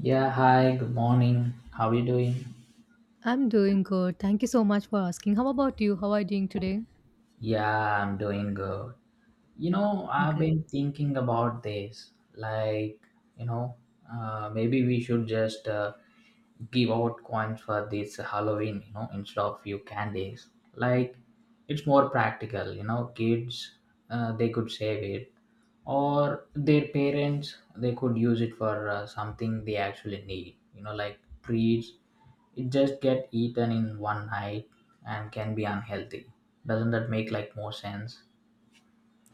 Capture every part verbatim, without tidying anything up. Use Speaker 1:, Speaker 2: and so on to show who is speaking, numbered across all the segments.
Speaker 1: Yeah, hi, good morning. How are you doing?
Speaker 2: I'm doing good. Thank you so much for asking. How about you? How are you doing today?
Speaker 1: Yeah, I'm doing good. You know, I've
Speaker 2: Great.
Speaker 1: been thinking about this. Like, you know, uh, maybe we should just uh, give out coins for this Halloween, you know, instead of few candies. Like it's more practical, you know, kids uh, they could save it, or their parents they could use it for uh, something they actually need, you know, like treats. It just get eaten in one night and can be unhealthy. Doesn't that make like more sense?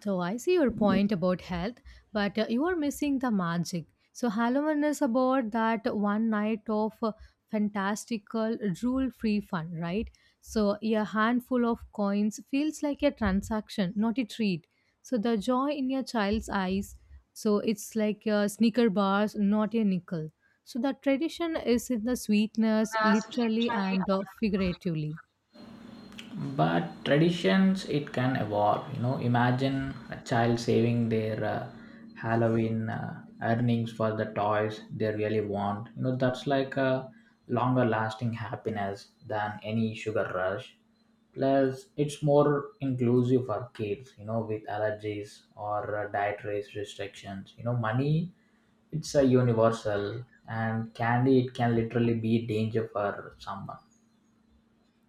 Speaker 2: So I see your point about health, but uh, you are missing the magic. So Halloween is about that one night of uh, fantastical rule-free fun, right? So a handful of coins feels like a transaction, not a treat. So the joy in your child's eyes, so it's like a sneaker bars, not a nickel. So the tradition is in the sweetness, literally and uh, figuratively.
Speaker 1: But traditions, it can evolve, you know. Imagine a child saving their uh, Halloween uh, earnings for the toys they really want, you know. That's like a longer lasting happiness than any sugar rush. Plus it's more inclusive for kids, you know, with allergies or uh, dietary restrictions. You know, money, it's a universal, and candy, it can literally be danger for someone.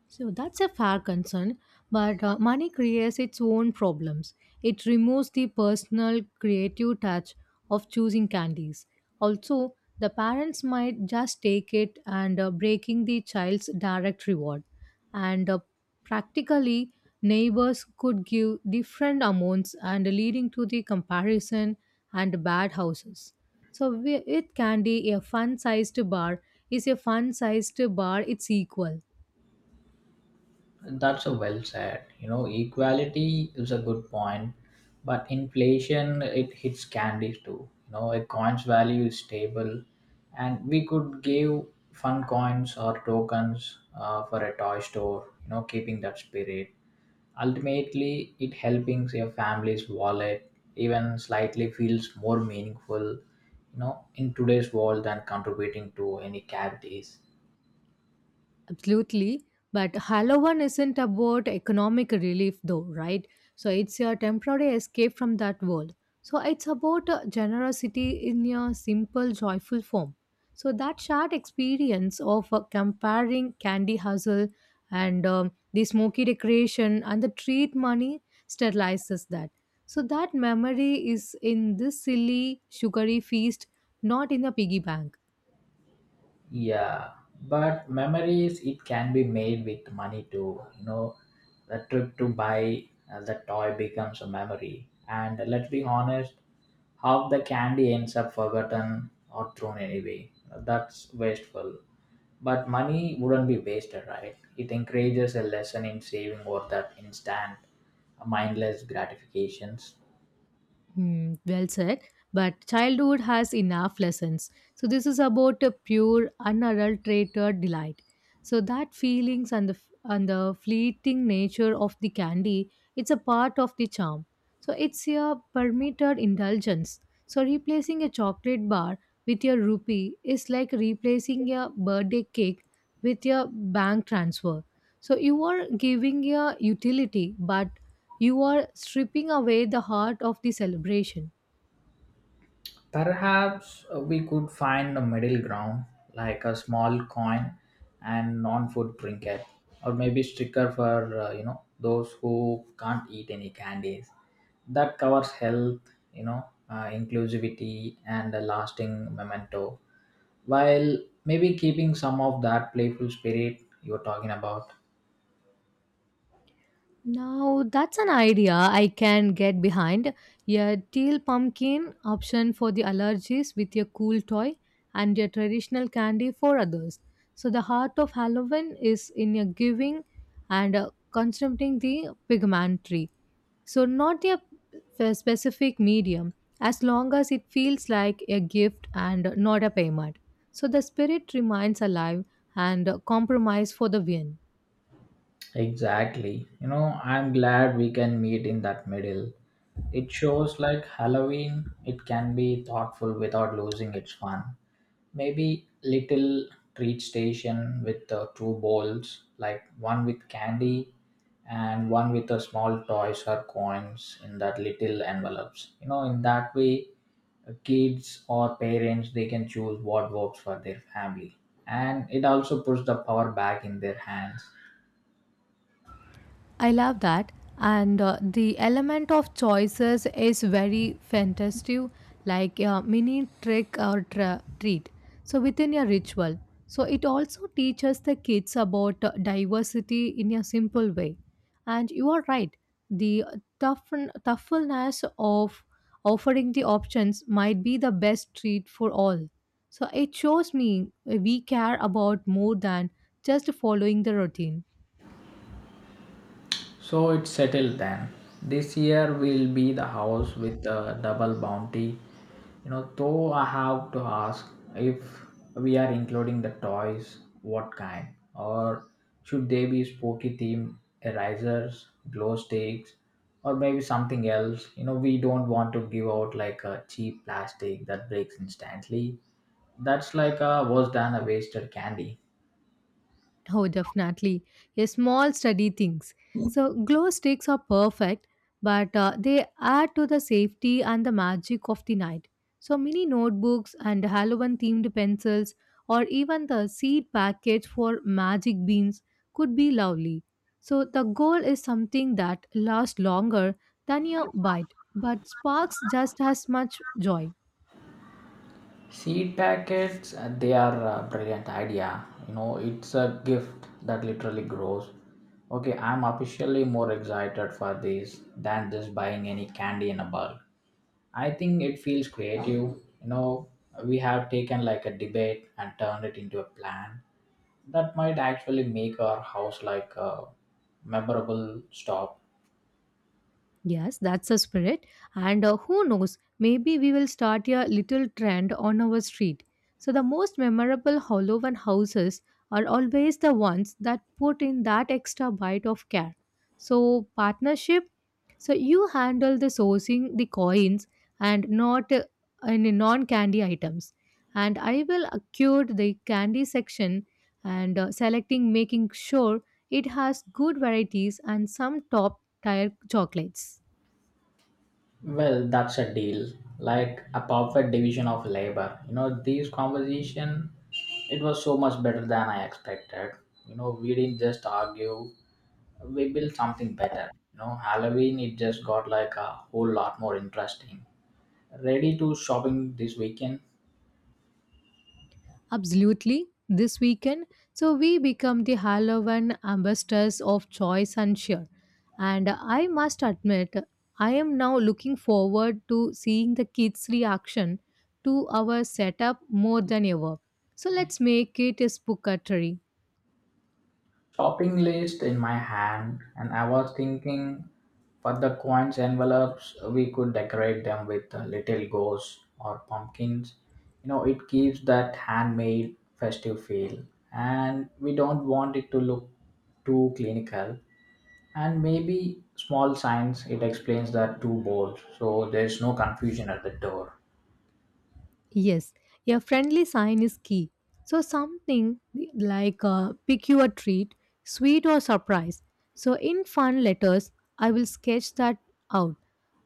Speaker 2: So that's a fair concern, but uh, money creates its own problems. It removes the personal, creative touch of choosing candies. Also, the parents might just take it and uh, breaking the child's direct reward. And uh, Practically, neighbors could give different amounts and leading to the comparison and bad houses. So wi- with candy, a fun-sized bar is a fun-sized bar. It's equal.
Speaker 1: That's a well said. You know, equality is a good point, but inflation it hits candies too. You know, a coin's value is stable, and we could give fun coins or tokens uh, for a toy store. You know, keeping that spirit. Ultimately, it helping your family's wallet even slightly feels more meaningful. You know, in today's world, than contributing to any cavities.
Speaker 2: Absolutely. But Halloween isn't about economic relief, though, right? So it's a temporary escape from that world. So it's about uh, generosity in a simple, joyful form. So that shared experience of uh, comparing candy hustle and um, the smoky decoration and the treat money sterilizes that. So that memory is in this silly, sugary feast, not in the piggy bank.
Speaker 1: Yeah, but memories it can be made with money too. You know, the trip to buy uh, the toy becomes a memory. And let's be honest, half the candy ends up forgotten or thrown away. That's wasteful. But money wouldn't be wasted, right? It encourages a lesson in saving or that instant mindless gratifications.
Speaker 2: Hmm, well said. But childhood has enough lessons. So this is about a pure, unadulterated delight. So that feelings and the and the fleeting nature of the candy, it's a part of the charm. So it's a permitted indulgence. So replacing a chocolate bar with your rupee is like replacing a birthday cake with your bank transfer. So you are giving a utility, but you are stripping away the heart of the celebration.
Speaker 1: Perhaps uh, we could find a middle ground, like a small coin and non-food trinket, or maybe sticker for uh, you know, those who can't eat any candies. That covers health, you know, uh, inclusivity, and a lasting memento. While maybe keeping some of that playful spirit you were talking about.
Speaker 2: Now that's an idea I can get behind. A teal pumpkin option for the allergies with a cool toy and a traditional candy for others. So the heart of Halloween is in a giving and uh, consumpting the pigmentary. So not a f- specific medium as long as it feels like a gift and not a payment. So the spirit remains alive and uh, compromise for the win.
Speaker 1: Exactly. You know, I'm glad we can meet in that middle. It shows like Halloween, it can be thoughtful without losing its fun. Maybe little treat station with uh, two bowls, like one with candy and one with a small toys or coins in that little envelopes. You know, in that way, uh, kids or parents they can choose what works for their family, and it also puts the power back in their hands.
Speaker 2: I love that. And uh, the element of choices is very fantastic, like a mini trick or tra- treat. So, within your ritual. So, it also teaches the kids about uh, diversity in a simple way. And you are right, the toughen- toughness of offering the options might be the best treat for all. So, it shows me we care about more than just following the routine.
Speaker 1: So it's settled then. This year will be the house with the double bounty. You know, though I have to ask if we are including the toys, what kind, or should they be spooky theme erasers, glow sticks, or maybe something else? You know, we don't want to give out like a cheap plastic that breaks instantly. That's like a was done a wasted candy.
Speaker 2: Oh, definitely. A small study things. So, glow sticks are perfect, but uh, they add to the safety and the magic of the night. So, mini notebooks and Halloween themed pencils, or even the seed packets for magic beans, could be lovely. So, the goal is something that lasts longer than your bite, but sparks just as much joy.
Speaker 1: Seed packets, uh, they are a brilliant idea. You know, it's a gift that literally grows. Okay, I'm officially more excited for this than just buying any candy in a bulk. I think it feels creative. You know, we have taken like a debate and turned it into a plan that might actually make our house like a memorable stop.
Speaker 2: Yes, that's a spirit. And uh, who knows, maybe we will start a little trend on our street. So, the most memorable Halloween houses are always the ones that put in that extra bite of care. So, partnership, so you handle the sourcing, the coins, and not uh, any non candy items. And I will cure the candy section and uh, selecting, making sure it has good varieties and some top tier chocolates.
Speaker 1: Well, that's a deal, like a perfect division of labor. You know, this conversation, it was so much better than I expected. You know, we didn't just argue, we built something better. You know, Halloween, it just got like a whole lot more interesting. Ready to shopping this weekend?
Speaker 2: Absolutely. This weekend, so we become the Halloween ambassadors of choice and cheer. And I must admit, I am now looking forward to seeing the kids' reaction to our setup more than ever. So let's make it a spookatory.
Speaker 1: Shopping list in my hand, and I was thinking for the coins envelopes we could decorate them with uh, little ghosts or pumpkins. You know, it gives that handmade festive feel, and we don't want it to look too clinical. And maybe small signs it explains that too bold so there's no confusion at the door.
Speaker 2: Yes, a friendly sign is key. So something like uh, pick your treat, sweet or surprise. So in fun letters, I will sketch that out.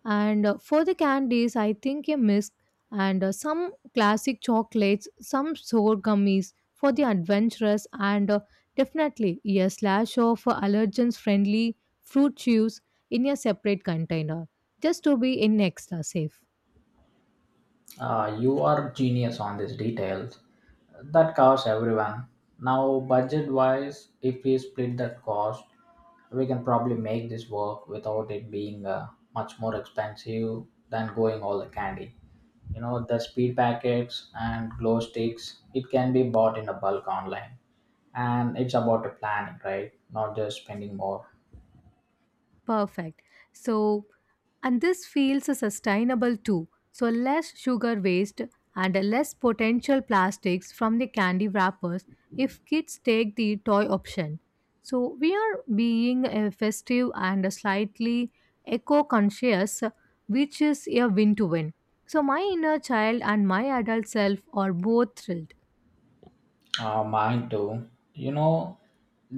Speaker 2: And uh, for the candies, I think a mix and uh, some classic chocolates, some sour gummies for the adventurous, and uh, definitely a slash of uh, allergens-friendly fruit juice in a separate container, just to be in extra safe.
Speaker 1: Uh, you are genius on these details. That covers everyone. Now, budget wise, if we split that cost, we can probably make this work without it being uh, much more expensive than going all the candy. You know, the speed packets and glow sticks, it can be bought in a bulk online. And it's about the planning, right? Not just spending more.
Speaker 2: Perfect. So, and this feels sustainable too. So, less sugar waste and less potential plastics from the candy wrappers if kids take the toy option. So, we are being a festive and slightly eco conscious, which is a win to win. So, my inner child and my adult self are both thrilled.
Speaker 1: Uh, mine too. You know,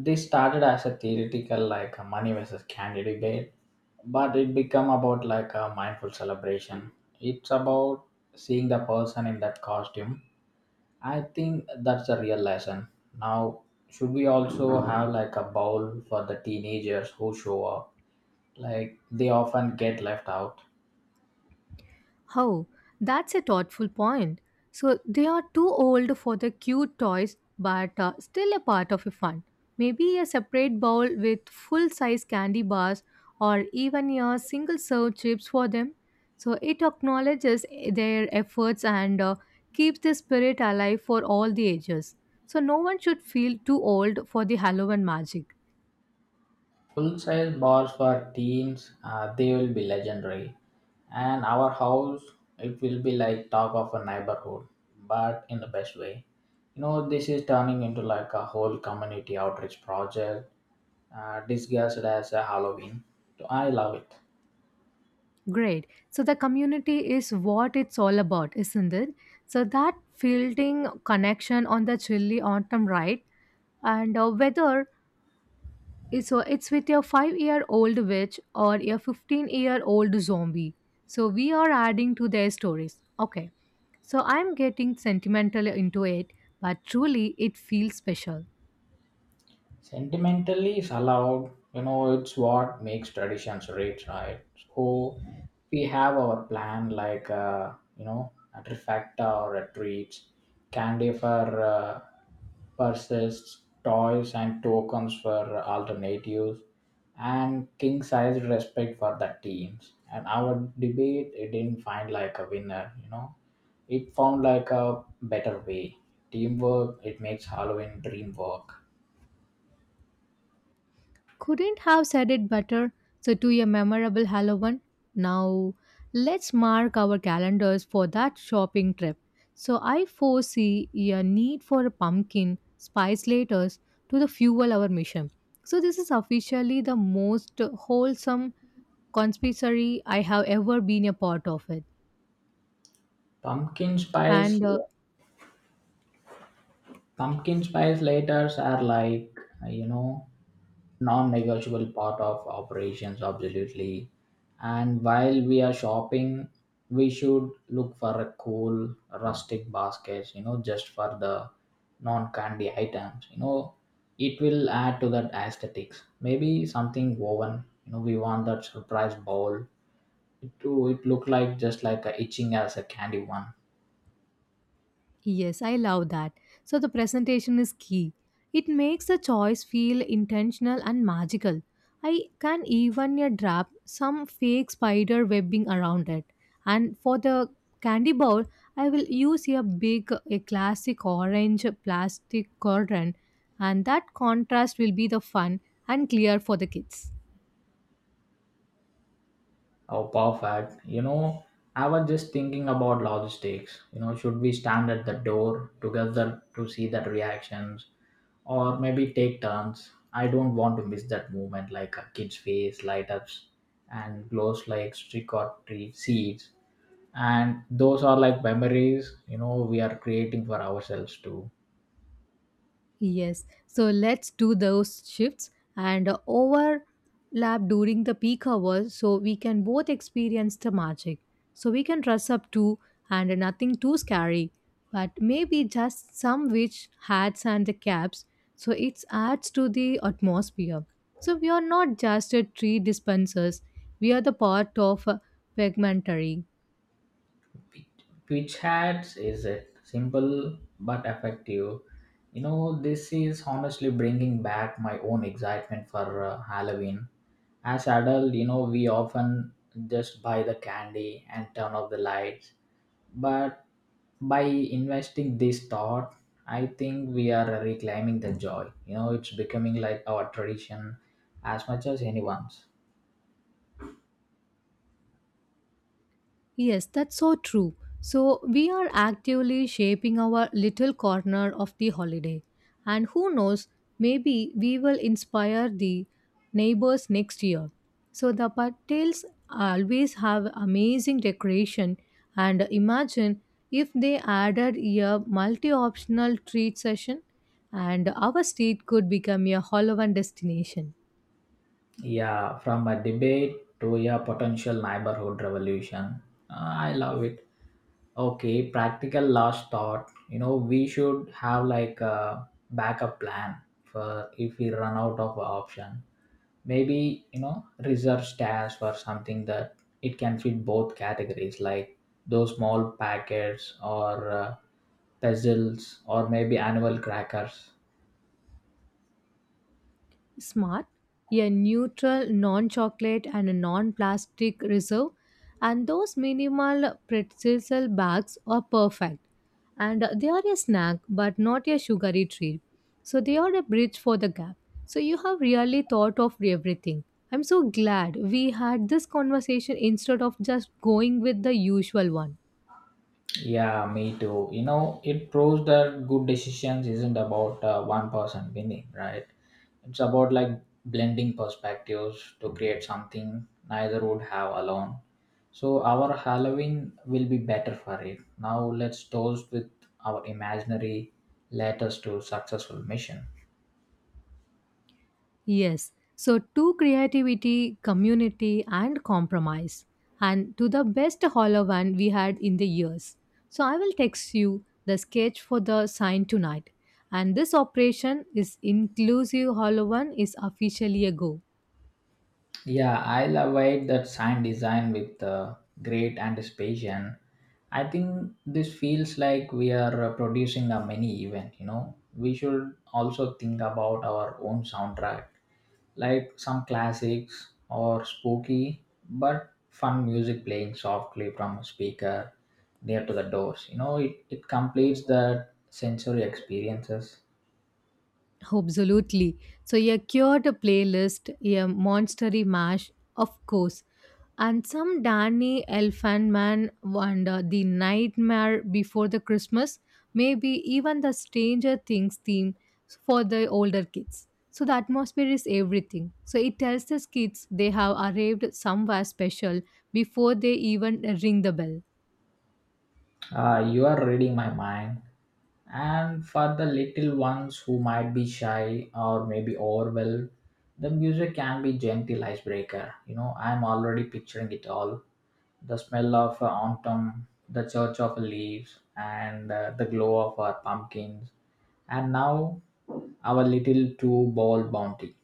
Speaker 1: this started as a theoretical like a money versus candy debate, but it become about like a mindful celebration. It's about seeing the person in that costume. I think that's a real lesson. Now, should we also have like a bowl for the teenagers who show up? Like they often get left out.
Speaker 2: Oh, that's a thoughtful point. So they are too old for the cute toys, but uh, still a part of a fun. Maybe a separate bowl with full size candy bars or even a single serve chips for them. So it acknowledges their efforts and uh, keeps the spirit alive for all the ages. So no one should feel too old for the Halloween magic.
Speaker 1: Full-size bars for teens, uh, they will be legendary. And our house, it will be like talk of a neighborhood, but in the best way. You know, this is turning into like a whole community outreach project, uh, disguised as a Halloween. So I love it.
Speaker 2: Great. So the community is what it's all about, isn't it? So that fielding connection on the chilly autumn ride and uh, whether it's, uh, it's with your five year old witch or your fifteen year old zombie. So we are adding to their stories. Okay. So I'm getting sentimental into it, but truly it feels special.
Speaker 1: Sentimentally is allowed, you know, it's what makes traditions rich, right? So we have our plan like, uh, you know, a trifecta or a treats, candy for uh, purses, toys and tokens for alternatives, and king-sized respect for the teams. And our debate, it didn't find like a winner, you know. It found like a better way. Teamwork, it makes Halloween dream work.
Speaker 2: Couldn't have said it better. So, to a memorable Halloween. Now, let's mark our calendars for that shopping trip. So, I foresee a need for a pumpkin spice laters to the fuel our mission. So, this is officially the most wholesome conspiracy I have ever been a part of it.
Speaker 1: Pumpkin spice,
Speaker 2: And uh,
Speaker 1: pumpkin spice lighters are like uh, you know non-negotiable part of operations, absolutely. And while we are shopping, we should look for a cool rustic baskets, you know, just for the non-candy items. You know, it will add to that aesthetics. Maybe something woven. You know, we want that surprise bowl to it look like just like a itching as a candy one.
Speaker 2: Yes, I love that. So the presentation is key. It makes the choice feel intentional and magical. I can even uh, wrap some fake spider webbing around it. And for the candy bowl, I will use a big, a classic orange plastic curtain, and that contrast will be the fun and clear for the kids.
Speaker 1: Oh, perfect. You know, I was just thinking about logistics. You know, should we stand at the door together to see that reactions, or maybe take turns? I don't want to miss that moment like a kid's face light ups and glows like trick or treat seeds. And those are like memories, you know, we are creating for ourselves too.
Speaker 2: Yes. So let's do those shifts and overlap during the peak hours so we can both experience the magic. So we can dress up too and nothing too scary, but maybe just some witch hats and the caps so it adds to the atmosphere. So we are not just a tree dispensers, we are the part of a pigmentary.
Speaker 1: Pitch hats is it simple but effective. You know, this is honestly bringing back my own excitement for uh, Halloween. As adult, you know, we often just buy the candy and turn off the lights. But by investing this thought, I think we are reclaiming the joy. You know, it's becoming like our tradition as much as anyone's.
Speaker 2: Yes, that's so true. So, we are actively shaping our little corner of the holiday. And who knows, maybe we will inspire the neighbors next year. So, the patels always have amazing decoration. And imagine if they added a multi optional treat session, and our street could become a Halloween destination.
Speaker 1: Yeah, from a debate to a potential neighborhood revolution. Uh, I love it. Okay, practical last thought. You know, we should have like a backup plan for if we run out of option. Maybe, you know, reserve stash for something that it can fit both categories, like those small packets or uh, puzzles or maybe annual crackers.
Speaker 2: Smart, a neutral non chocolate and a non plastic reserve, and those minimal pretzel bags are perfect. And they are a snack but not a sugary treat. So they are a bridge for the gap. So you have really thought of everything. I'm so glad we had this conversation instead of just going with the usual one.
Speaker 1: Yeah, me too. You know, it proves that good decisions isn't about uh, one person winning, right? It's about like blending perspectives to create something neither would have alone. So our Halloween will be better for it. Now let's toast with our imaginary letters to successful mission.
Speaker 2: Yes. So to creativity, community, and compromise, and to the best hollow we had in the years. So I will text you the sketch for the sign tonight. And this operation is inclusive hollow is officially a go.
Speaker 1: Yeah, I'll await that sign design with uh, great anticipation. I think this feels like we are uh, producing a mini event, you know. We should also think about our own soundtrack, like some classics or spooky but fun music playing softly from a speaker near to the doors. You know, it, it completes the sensory experiences.
Speaker 2: Absolutely. So a cured playlist, a monstery mash, of course, and some Danny Elfman and uh, the Nightmare Before the Christmas, maybe even the Stranger Things theme for the older kids. So the atmosphere is everything. So it tells the kids they have arrived somewhere special before they even ring the bell.
Speaker 1: Uh, you are reading my mind. And for the little ones who might be shy or maybe overwhelmed, the music can be gentle icebreaker. You know, I'm already picturing it all. The smell of uh, autumn, the church of leaves, and uh, the glow of our pumpkins. And now our little two ball bounty.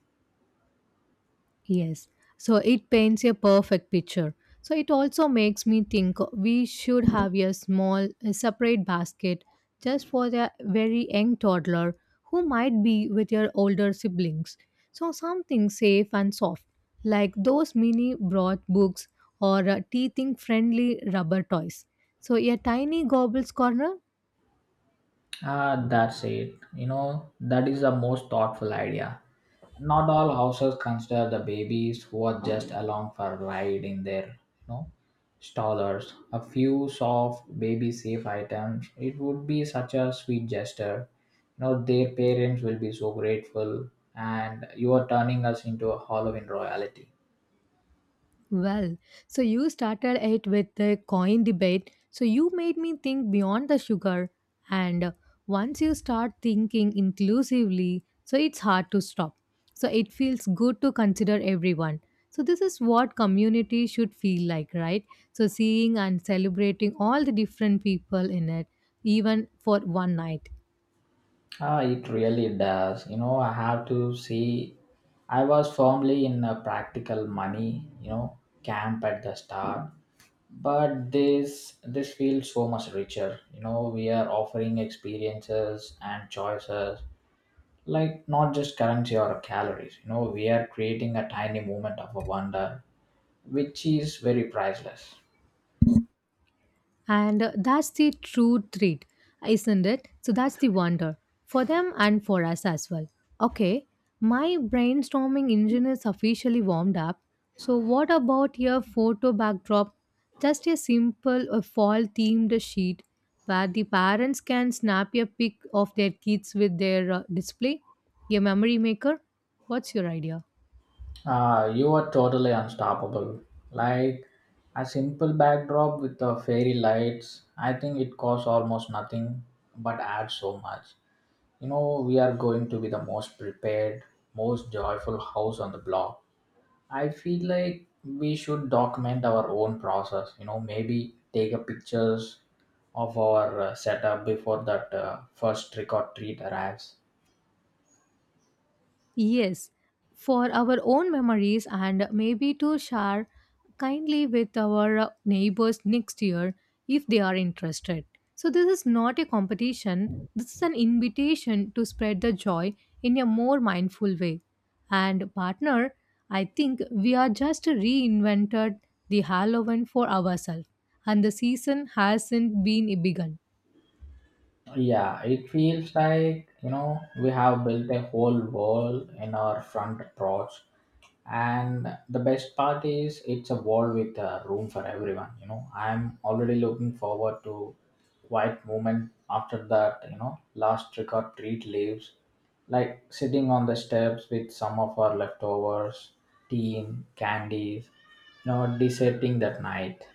Speaker 2: Yes. So it paints a perfect picture. So it also makes me think we should have a small a separate basket just for the very young toddler who might be with your older siblings. So something safe and soft, like those mini broth books or uh, teething friendly rubber toys. So a tiny gobbles corner.
Speaker 1: Ah, that's it. You know, that is the most thoughtful idea. Not all houses consider the babies who are just along for a ride in their you strollers. A few soft baby safe items. It would be such a sweet gesture. You know, their parents will be so grateful, and you are turning us into a Halloween royalty.
Speaker 2: Well, so you started it with the coin debate. So you made me think beyond the sugar. And once you start thinking inclusively, so it's hard to stop. So it feels good to consider everyone. So this is what community should feel like, right? So seeing and celebrating all the different people in it, even for one night.
Speaker 1: Ah, it really does. You know, I have to say, I was firmly in a practical money, you know, camp at the start. But this this feels so much richer. You know, we are offering experiences and choices, like not just currency or calories. You know, we are creating a tiny moment of a wonder, which is very priceless.
Speaker 2: And uh, that's the true treat, isn't it? So that's the wonder for them and for us as well. Okay, my brainstorming engine is officially warmed up. So, what about your photo backdrop? Just a simple uh, fall themed sheet where the parents can snap a pic of their kids with their uh, display? A memory maker? What's your idea?
Speaker 1: Uh, you are totally unstoppable. Like a simple backdrop with the fairy lights, I think it costs almost nothing but adds so much. You know, we are going to be the most prepared, most joyful house on the block. I feel like we should document our own process. You know, maybe take a pictures of our uh, setup before that uh, first trick or treat arrives.
Speaker 2: Yes, for our own memories and maybe to share kindly with our uh, neighbors next year if they are interested. So, this is not a competition, this is an invitation to spread the joy in a more mindful way. And, partner, I think we are just reinvented the Halloween for ourselves, and the season hasn't been begun.
Speaker 1: Yeah, it feels like, you know, we have built a whole wall in our front porch. And the best part is it's a wall with a room for everyone, you know. I'm already looking forward to quiet moment after that, you know, last trick or treat leaves. Like sitting on the steps with some of our leftovers, tea, candies, you know, deserting that night.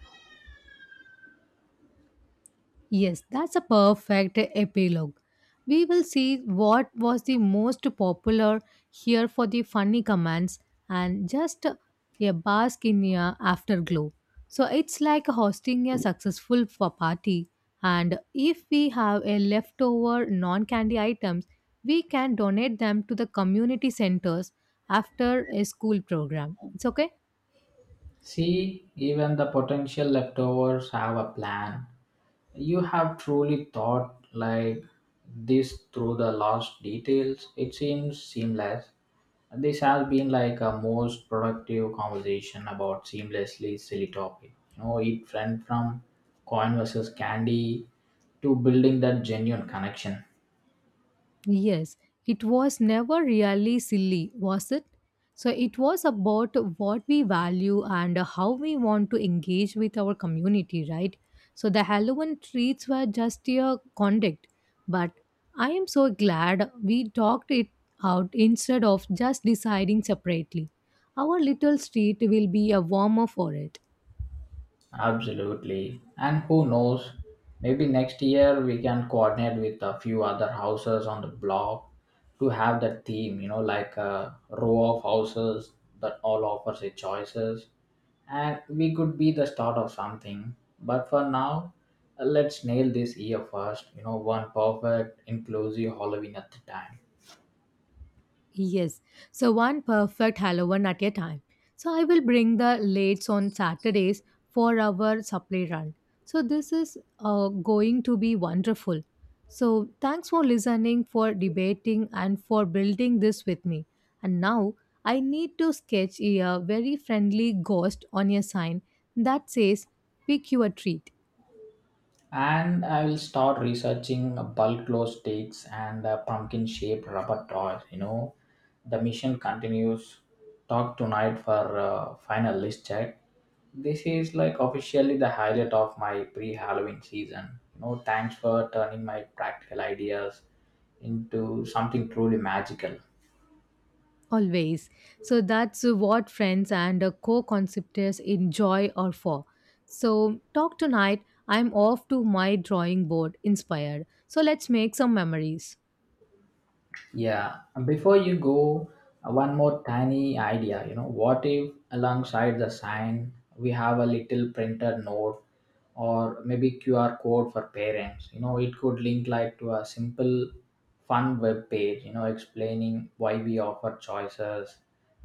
Speaker 2: Yes, that's a perfect epilogue. We will see what was the most popular here for the funny commands and just a bask in a afterglow. So it's like hosting a successful fa- party, and if we have a leftover non-candy items, we can donate them to the community centers after a school program. It's okay.
Speaker 1: See, even the potential leftovers have a plan. You have truly thought like this through the last details. It seems seamless. This has been like a most productive conversation about seamlessly silly topic. You know, it went from coin versus candy to building that genuine connection.
Speaker 2: Yes, it was never really silly, was it? So it was about what we value and how we want to engage with our community, right? So the Halloween treats were just a conduct, but I am so glad we talked it out instead of just deciding separately. Our little street will be a warmer for it.
Speaker 1: Absolutely. And who knows, maybe next year we can coordinate with a few other houses on the block to have that theme, you know, like a row of houses that all offers a choices. And we could be the start of something. But for now, let's nail this year first, you know, one perfect, inclusive Halloween at the time.
Speaker 2: Yes. So one perfect Halloween at a time. So I will bring the lates on Saturdays for our supply run. So this is uh, going to be wonderful. So thanks for listening, for debating, and for building this with me. And now I need to sketch a very friendly ghost on a sign that says, Pick your treat.
Speaker 1: And I will start researching bulk glow sticks and pumpkin shaped rubber toys. You know, the mission continues. Talk tonight for uh, final list check. This is like officially the highlight of my pre Halloween season. You know, thanks for turning my practical ideas into something truly magical.
Speaker 2: Always. So that's what friends and uh, co-conceptors enjoy or for. So talk tonight. I'm off to my drawing board inspired. So let's make some memories.
Speaker 1: Yeah, and before you go, uh, one more tiny idea. You know, what if alongside the sign we have a little printed note or maybe Q R code for parents. You know, it could link like to a simple fun web page, you know, explaining why we offer choices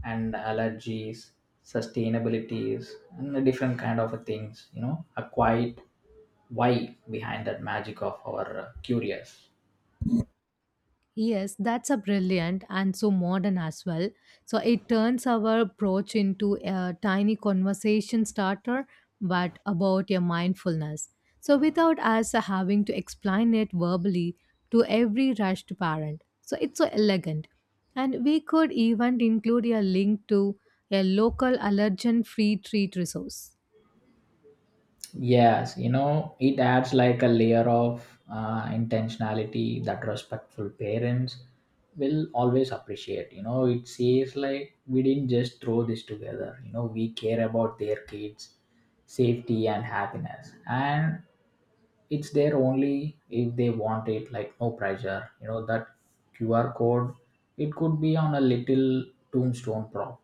Speaker 1: and allergies, sustainabilities, and the different kind of things, you know, a quiet why behind that magic of our uh, curious.
Speaker 2: Yes, that's a brilliant and so modern as well. So it turns our approach into a tiny conversation starter, but about your mindfulness. So without us having to explain it verbally to every rushed parent. So it's so elegant. And we could even include a link to a local allergen free treat resource.
Speaker 1: Yes, you know, it adds like a layer of uh, intentionality that respectful parents will always appreciate. You know, it says like we didn't just throw this together. You know, we care about their kids' safety and happiness, and it's there only if they want it. Like no pressure. You know that Q R code. It could be on a little tombstone prop.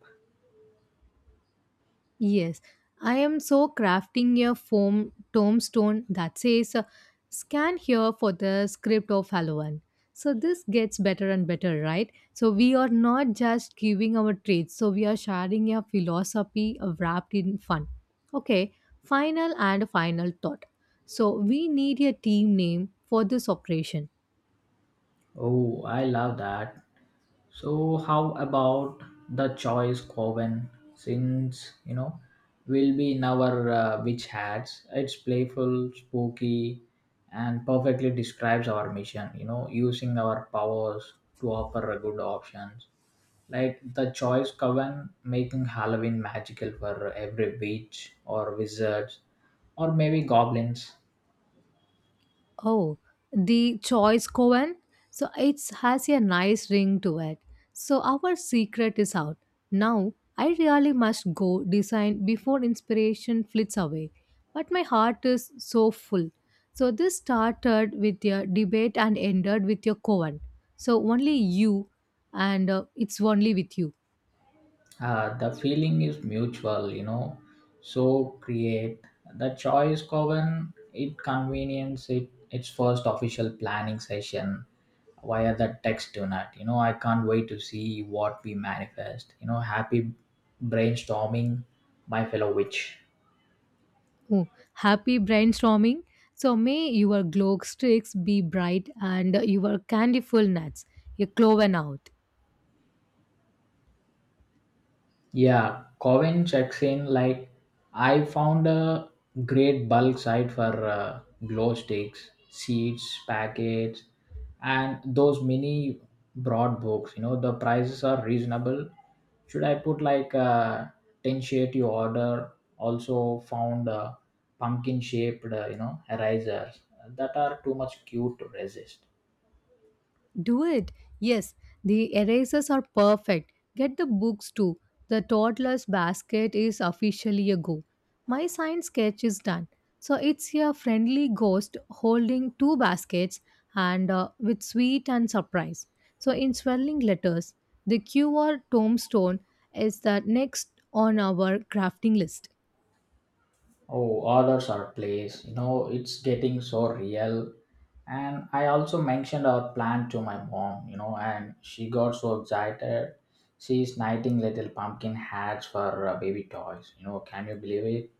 Speaker 2: Yes, I am so crafting a foam tombstone that says uh, scan here for the script of Halloween. So this gets better and better, right? So we are not just giving our traits, so we are sharing a philosophy uh, wrapped in fun. Okay, final and final thought. So we need a team name for this operation.
Speaker 1: Oh, I love that. So how about the choice Coven? Since you know, we'll be in our uh, witch hats. It's playful, spooky, and perfectly describes our mission. You know, using our powers to offer a good options. Like the choice coven, making Halloween magical for every witch or wizards or maybe goblins.
Speaker 2: Oh, the choice Cohen. So it has a nice ring to it. So our secret is out. Now I really must go design before inspiration flits away. But my heart is so full. So this started with your debate and ended with your Cohen. So only you and uh, it's only with you.
Speaker 1: Uh, the feeling is mutual, you know, so create the choice coven, it convenience it its first official planning session via the text tonight, you know. I can't wait to see what we manifest, you know. Happy brainstorming, my fellow witch.
Speaker 2: Oh, happy brainstorming. So may your glow sticks be bright and your candyful nuts. Your cloven out.
Speaker 1: Yeah, Coven checks in like I found a great bulk site for uh, glow sticks, seeds, packets, and those mini broad books. You know the prices are reasonable. Should I put like uh, ten shade you order? Also found uh, pumpkin shaped uh, you know erasers that are too much cute to resist.
Speaker 2: Do it. Yes, the erasers are perfect. Get the books too. The toddler's basket is officially a go. My science sketch is done. So it's a friendly ghost holding two baskets and uh, with sweet and surprise. So in swelling letters, the Q R tombstone is the next on our crafting list.
Speaker 1: Oh, orders are placed. You know, it's getting so real. And I also mentioned our plan to my mom, you know, and she got so excited. She's knitting little pumpkin hats for uh, baby toys. You know, can you believe it?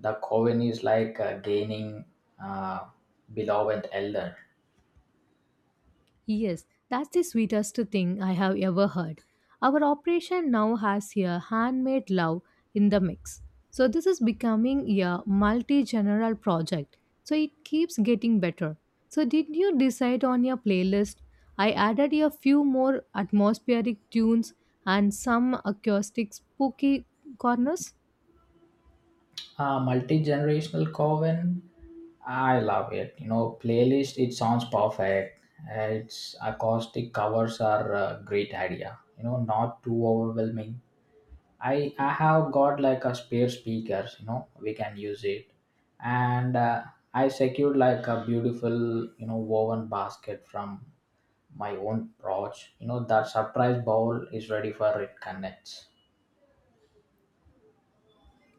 Speaker 1: The coven is like uh, gaining uh, beloved elder.
Speaker 2: Yes, that's the sweetest thing I have ever heard. Our operation now has a handmade love in the mix. So this is becoming a multi-general project. So it keeps getting better. So did you decide on your playlist? I added a few more atmospheric tunes and some acoustic spooky corners.
Speaker 1: Uh, multi-generational coven, I love it, you know. Playlist it sounds perfect. Uh, its acoustic covers are a great idea, you know, not too overwhelming. I i have got like a spare speakers, you know, we can use it. And uh, I secured like a beautiful, you know, woven basket from my own porch, you know, that surprise bowl is ready for it connects.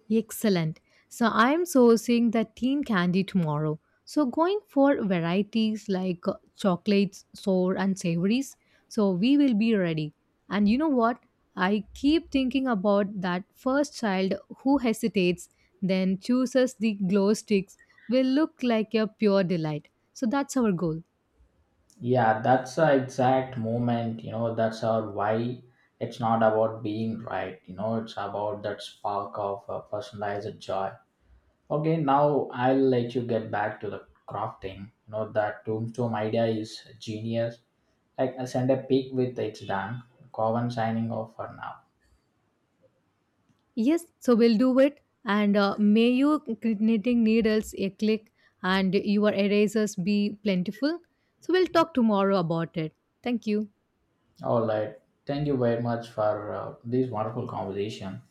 Speaker 2: Excellent. So I'm sourcing the teen candy tomorrow. So going for varieties like uh, chocolates, sour and savories. So we will be ready. And you know what? I keep thinking about that first child who hesitates then chooses the glow sticks will look like a pure delight. So that's our goal.
Speaker 1: Yeah, that's the exact moment, you know, that's our why. It's not about being right, you know, it's about that spark of uh, personalized joy. Okay, now I'll let you get back to the crafting. You know, that tombstone idea is genius. Like, I send a pic with it's done. Coven signing off for now.
Speaker 2: Yes, so we'll do it. And uh, may your knitting needles a click and your erasers be plentiful. So we'll talk tomorrow about it. Thank you.
Speaker 1: All right, thank you very much for uh, this wonderful conversation.